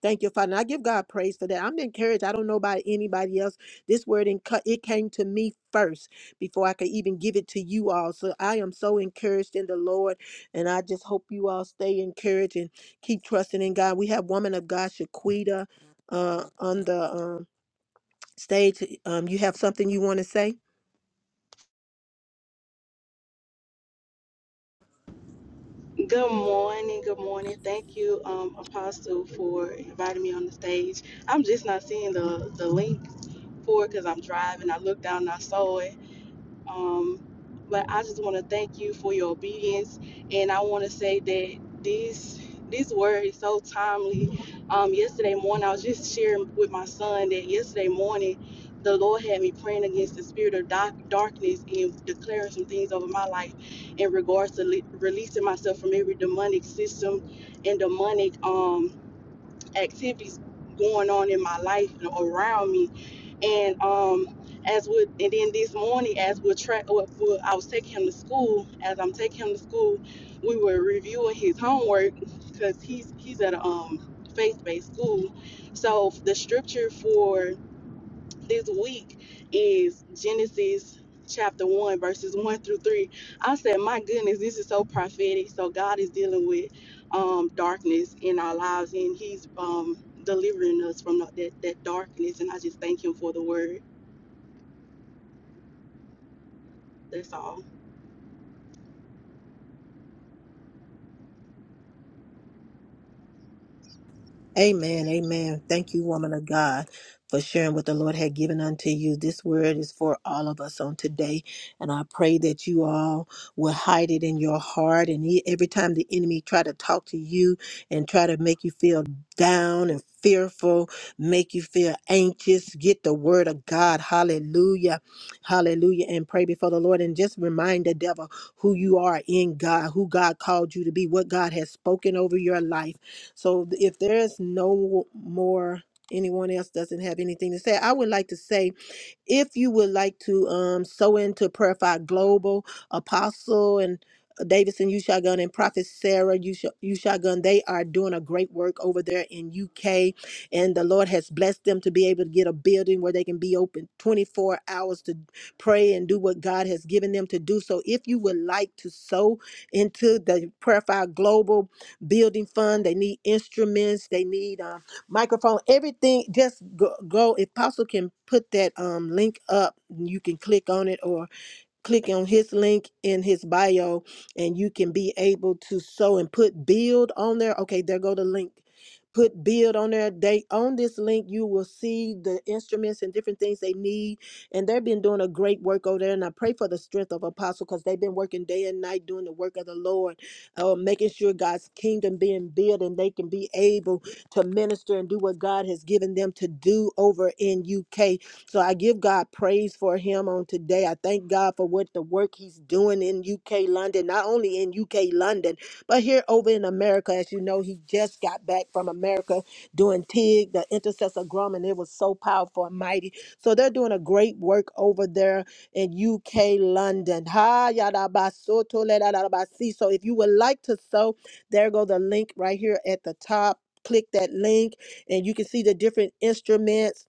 Thank you, Father. And I give God praise for that. I'm encouraged. I don't know about anybody else. This word in cut it came to me first before I could even give it to you all. So I am so encouraged in the Lord, and I just hope you all stay encouraged and keep trusting in God. We have woman of God, Shaquita, uh, on the um, stage. Um, you have something you want to say?
Good morning. Good morning. Thank you, um, Apostle, for inviting me on the stage. I'm just not seeing the, the link for it because I'm driving. I looked down and I saw it. Um, but I just want to thank you for your obedience, and I want to say that this this word is so timely. Um, yesterday morning, I was just sharing with my son that yesterday morning, the Lord had me praying against the spirit of dark, darkness and declaring some things over my life in regards to le- releasing myself from every demonic system and demonic um, activities going on in my life and around me and um, as we and then this morning, as we're tra- well, well, I was taking him to school. As I'm taking him to school, we were reviewing his homework because he's he's at a um, faith-based school. So the scripture for this week is Genesis chapter one, verses one through three. I said, my goodness, this is so prophetic. So God is dealing with um, darkness in our lives, and He's um, delivering us from that, that darkness. And I just thank Him for the word. That's all.
Amen. Amen. Thank you, woman of God, for sharing what the Lord had given unto you. This word is for all of us on today. And I pray that you all will hide it in your heart. And e- every time the enemy try to talk to you and try to make you feel down and fearful, make you feel anxious, get the word of God. Hallelujah. Hallelujah. And pray before the Lord and just remind the devil who you are in God, who God called you to be, what God has spoken over your life so if there's no more, anyone else doesn't have anything to say, I would like to say if you would like to um, sow into Prayer Fire Global, Apostle and uh, Davidson, you shotgun, and Prophet Sarah, you Sh- you shotgun. They are doing a great work over there in UK, and the Lord has blessed them to be able to get a building where they can be open 24 hours to pray and do what God has given them to do. So, if you would like to sow into the Prayer Fire Global Building Fund, they need instruments, they need. uh, microphone, everything. Just go, go. If possible, can put that um link up. You can click on it, or click on his link in his bio and you can be able to sow and put build on there. Okay, there go the link. Put build on there. They on this link, you will see the instruments and different things they need. And they've been doing a great work over there. And I pray for the strength of Apostle because they've been working day and night doing the work of the Lord, uh, making sure God's kingdom being built and they can be able to minister and do what God has given them to do over in UK. So I give God praise for him on today. I thank God for what the work he's doing in UK London, not only in UK London, but here over in America. As you know, he just got back from America doing TIG, the intercessor grum, and it was so powerful and mighty. So they're doing a great work over there in UK London. Ha yada ba so to le da da da ba si. So if you would like to sow, there go the link right here at the top. Click that link and you can see the different instruments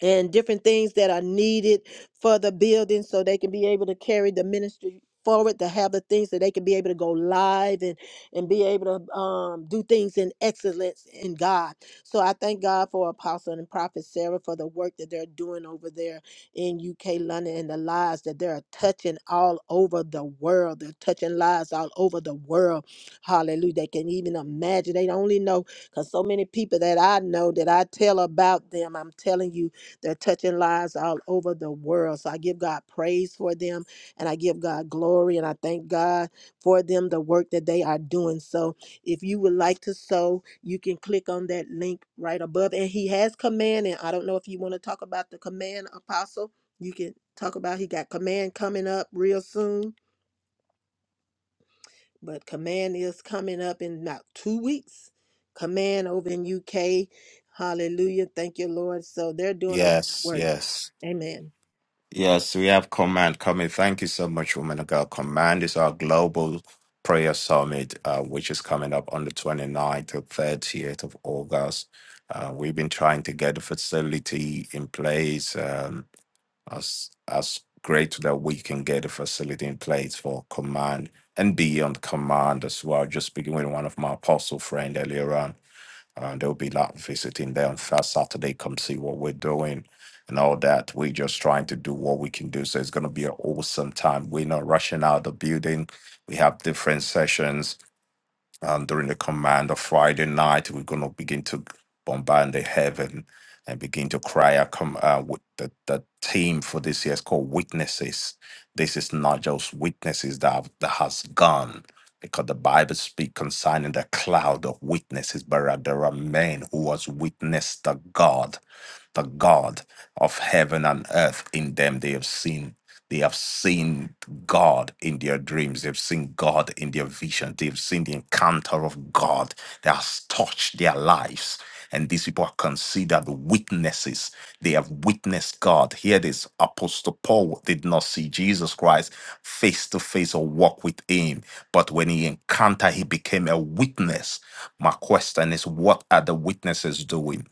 and different things that are needed for the building so they can be able to carry the ministry forward to have the things that they can be able to go live and and be able to um, do things in excellence in god so i thank god for apostle and prophet sarah for the work that they're doing over there in uk london and the lives that they're touching all over the world they're touching lives all over the world hallelujah they can even imagine they only know because so many people that i know that i tell about them i'm telling you they're touching lives all over the world. So I give God praise for them and I give God glory and I thank God for them, the work that they are doing. So if you would like to sow, you can click on that link right above. And he has command. And I don't know if you want to talk about the command apostle. You can talk about he got command coming up real soon. But command is coming up in about two weeks. Command over in UK. Hallelujah. Thank you, Lord. So they're doing a great
Yes,
work.
yes.
Amen.
Yes, we have Command coming. Thank you so much, woman of God. Command is our global prayer summit, uh, which is coming up on the 29th to 30th of August. Uh, we've been trying to get the facility in place um, as, as great that we can get a facility in place for Command and beyond Command as well. Just speaking with one of my apostle friend earlier on. Uh, there'll be like visiting there on first Saturday. Come see what we're doing and all that. We're just trying to do what we can do. So it's going to be an awesome time. We're not rushing out of the building. We have different sessions um, during the command of Friday night, we're going to begin to bombard the heaven and begin to cry out. Come, uh, with the, the theme for this year is called Witnesses. This is not just witnesses that, have- that has gone, because the Bible speaks concerning the cloud of witnesses, but there are men who has witnessed the God the God of heaven and earth in them they have seen they have seen God in their dreams. They've seen God in their vision. They've seen the encounter of God that has touched their lives. And these people are considered witnesses. They have witnessed God. Here, this Apostle Paul did not see Jesus Christ face to face or walk with him. But when he encountered, he became a witness. My question is, what are the witnesses doing?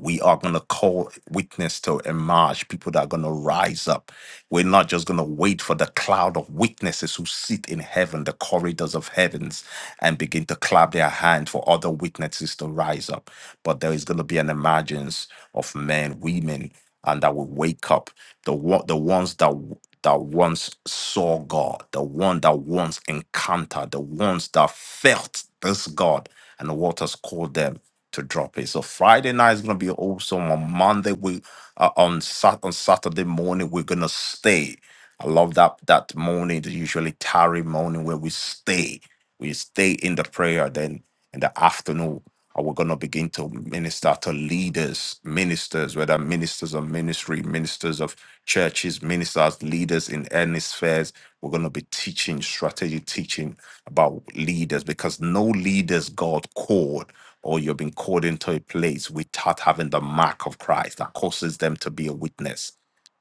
we are going to call witness to emerge people that are going to rise up we're not just going to wait for the cloud of witnesses who sit in heaven the corridors of heavens and begin to clap their hand for other witnesses to rise up but there is going to be an emergence of men women and that will wake up the one the ones that w- that once saw god the one that once encountered the ones that felt this god and the waters called them to drop it. So Friday night is gonna be awesome. On Monday we uh, on Sat on Saturday morning we're gonna stay. I love that that morning, the usually tarry morning where we stay we stay in the prayer. Then in the afternoon, uh, we're going to begin to minister to leaders, ministers, whether ministers of ministry, ministers of churches, ministers, leaders in any spheres. We're going to be teaching, strategy teaching about leaders because no leaders God called or you've been called into a place without having the mark of Christ that causes them to be a witness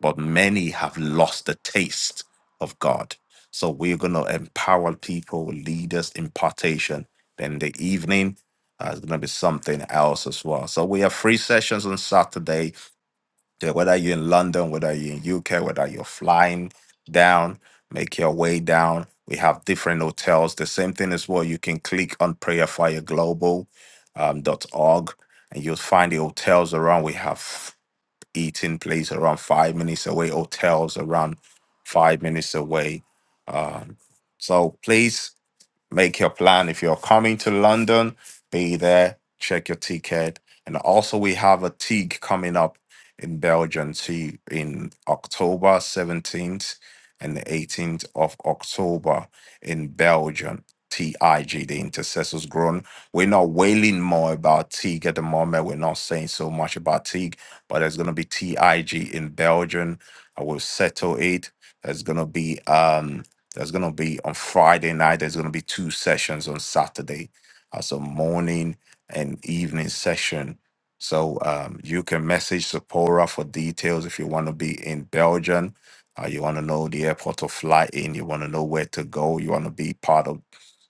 but many have lost the taste of God. So we're going to empower people, leaders, impartation. Then the evening uh, is going to be something else as well. So we have three sessions on Saturday. Yeah, Whether you're in London, whether you're in UK, whether you're flying down, make your way down. We have different hotels. The same thing as well. You can click on prayerfireglobal.org um, dot org and you'll find the hotels around. We have eating place around five minutes away, hotels around five minutes away. Um, so please make your plan. If you're coming to London, be there, check your ticket. And also, we have a TIG coming up in Belgium too in October 17th and the 18th of October in Belgium. TIG, the Intercessors Grown. We're not wailing more about TIG at the moment. We're not saying so much about TIG, but there's going to be TIG in Belgium. I will settle it. There's going to be um, that's going to be on Friday night. There's going to be two sessions on Saturday, as a morning and evening session. So um, you can message Sephora for details if you want to be in Belgium. Uh, you want to know the airport to fly in. You want to know where to go. You want to be part of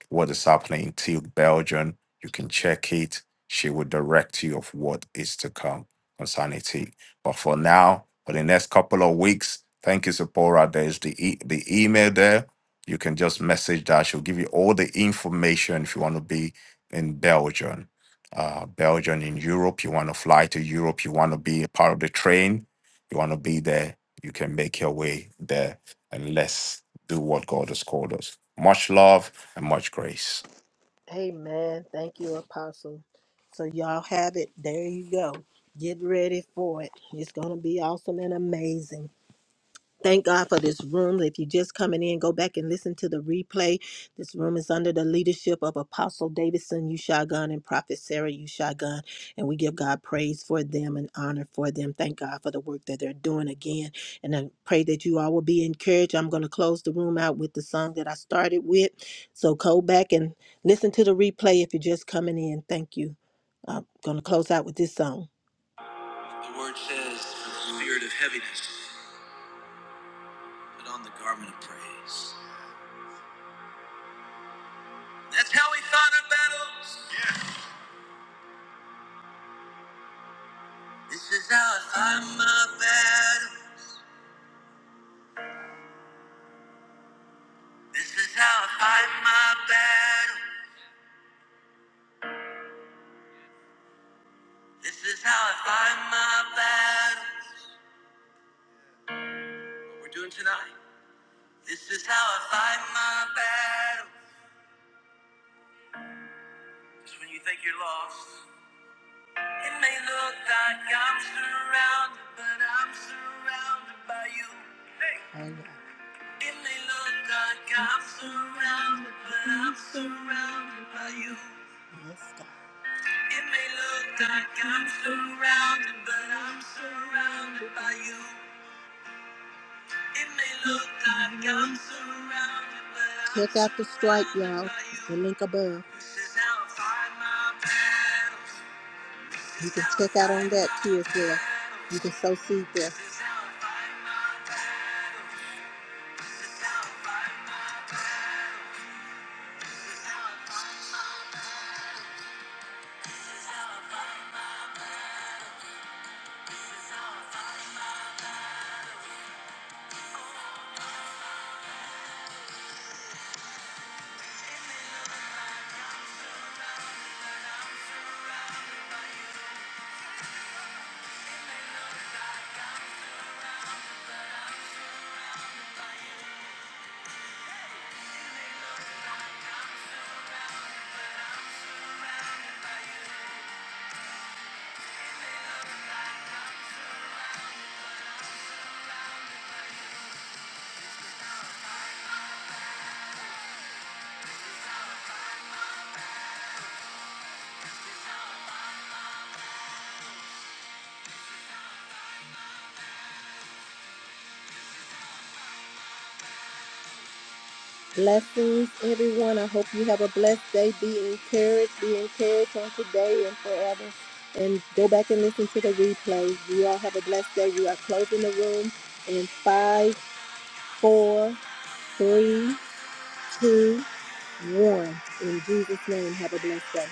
what is happening in Tilt, Belgium. You can check it. She will direct you of what is to come on Sanity. But for now, for the next couple of weeks, thank you, Sephora. There's the e- the email there. You can just message that. She'll give you all the information if you want to be in Belgium. Uh, Belgium in Europe, you want to fly to Europe, you want to be a part of the train, you want to be there, you can make your way there and let's do what God has called us. Much love and much grace.
Amen. Thank you, Apostle. So y'all have it. There you go. Get ready for it. It's gonna be awesome and amazing. Thank God for this room. If you're just coming in, go back and listen to the replay. This room is under the leadership of Apostle Davidson Ushagun and Prophet Sarah Ushagun. And we give God praise for them and honor for them. Thank God for the work that they're doing again. And I pray that you all will be encouraged. I'm going to close the room out with the song that I started with. So go back and listen to the replay if you're just coming in. Thank you. I'm going to close out with this song. The word says, "For the spirit of heaviness. Put on the garment of praise. That's how we fight our battles. Yeah. This is how I fight my battles. This is how I fight my battles. This is how I fight my battles. What we're doing tonight. This is how I fight my battles. It's when you think you're lost. It may look like I'm surrounded, but I'm surrounded by you. Hey. It may look like I'm surrounded, but I'm surrounded by you. Yes, God. It may look like I'm surrounded, but I'm surrounded by you. It may look like I'm surrounded, but I'm Check out the stripe, y'all. surrounded by you. The link above. This is how I fight my battles. You This is can how I check out on fight that my too as well. You battles. can sow seed there. Blessings, everyone. I hope you have a blessed day. Be encouraged. Be encouraged on today and forever. And go back and listen to the replay. You all have a blessed day. We are closing the room in five, four, three, two, one. In Jesus' name, have a blessed day.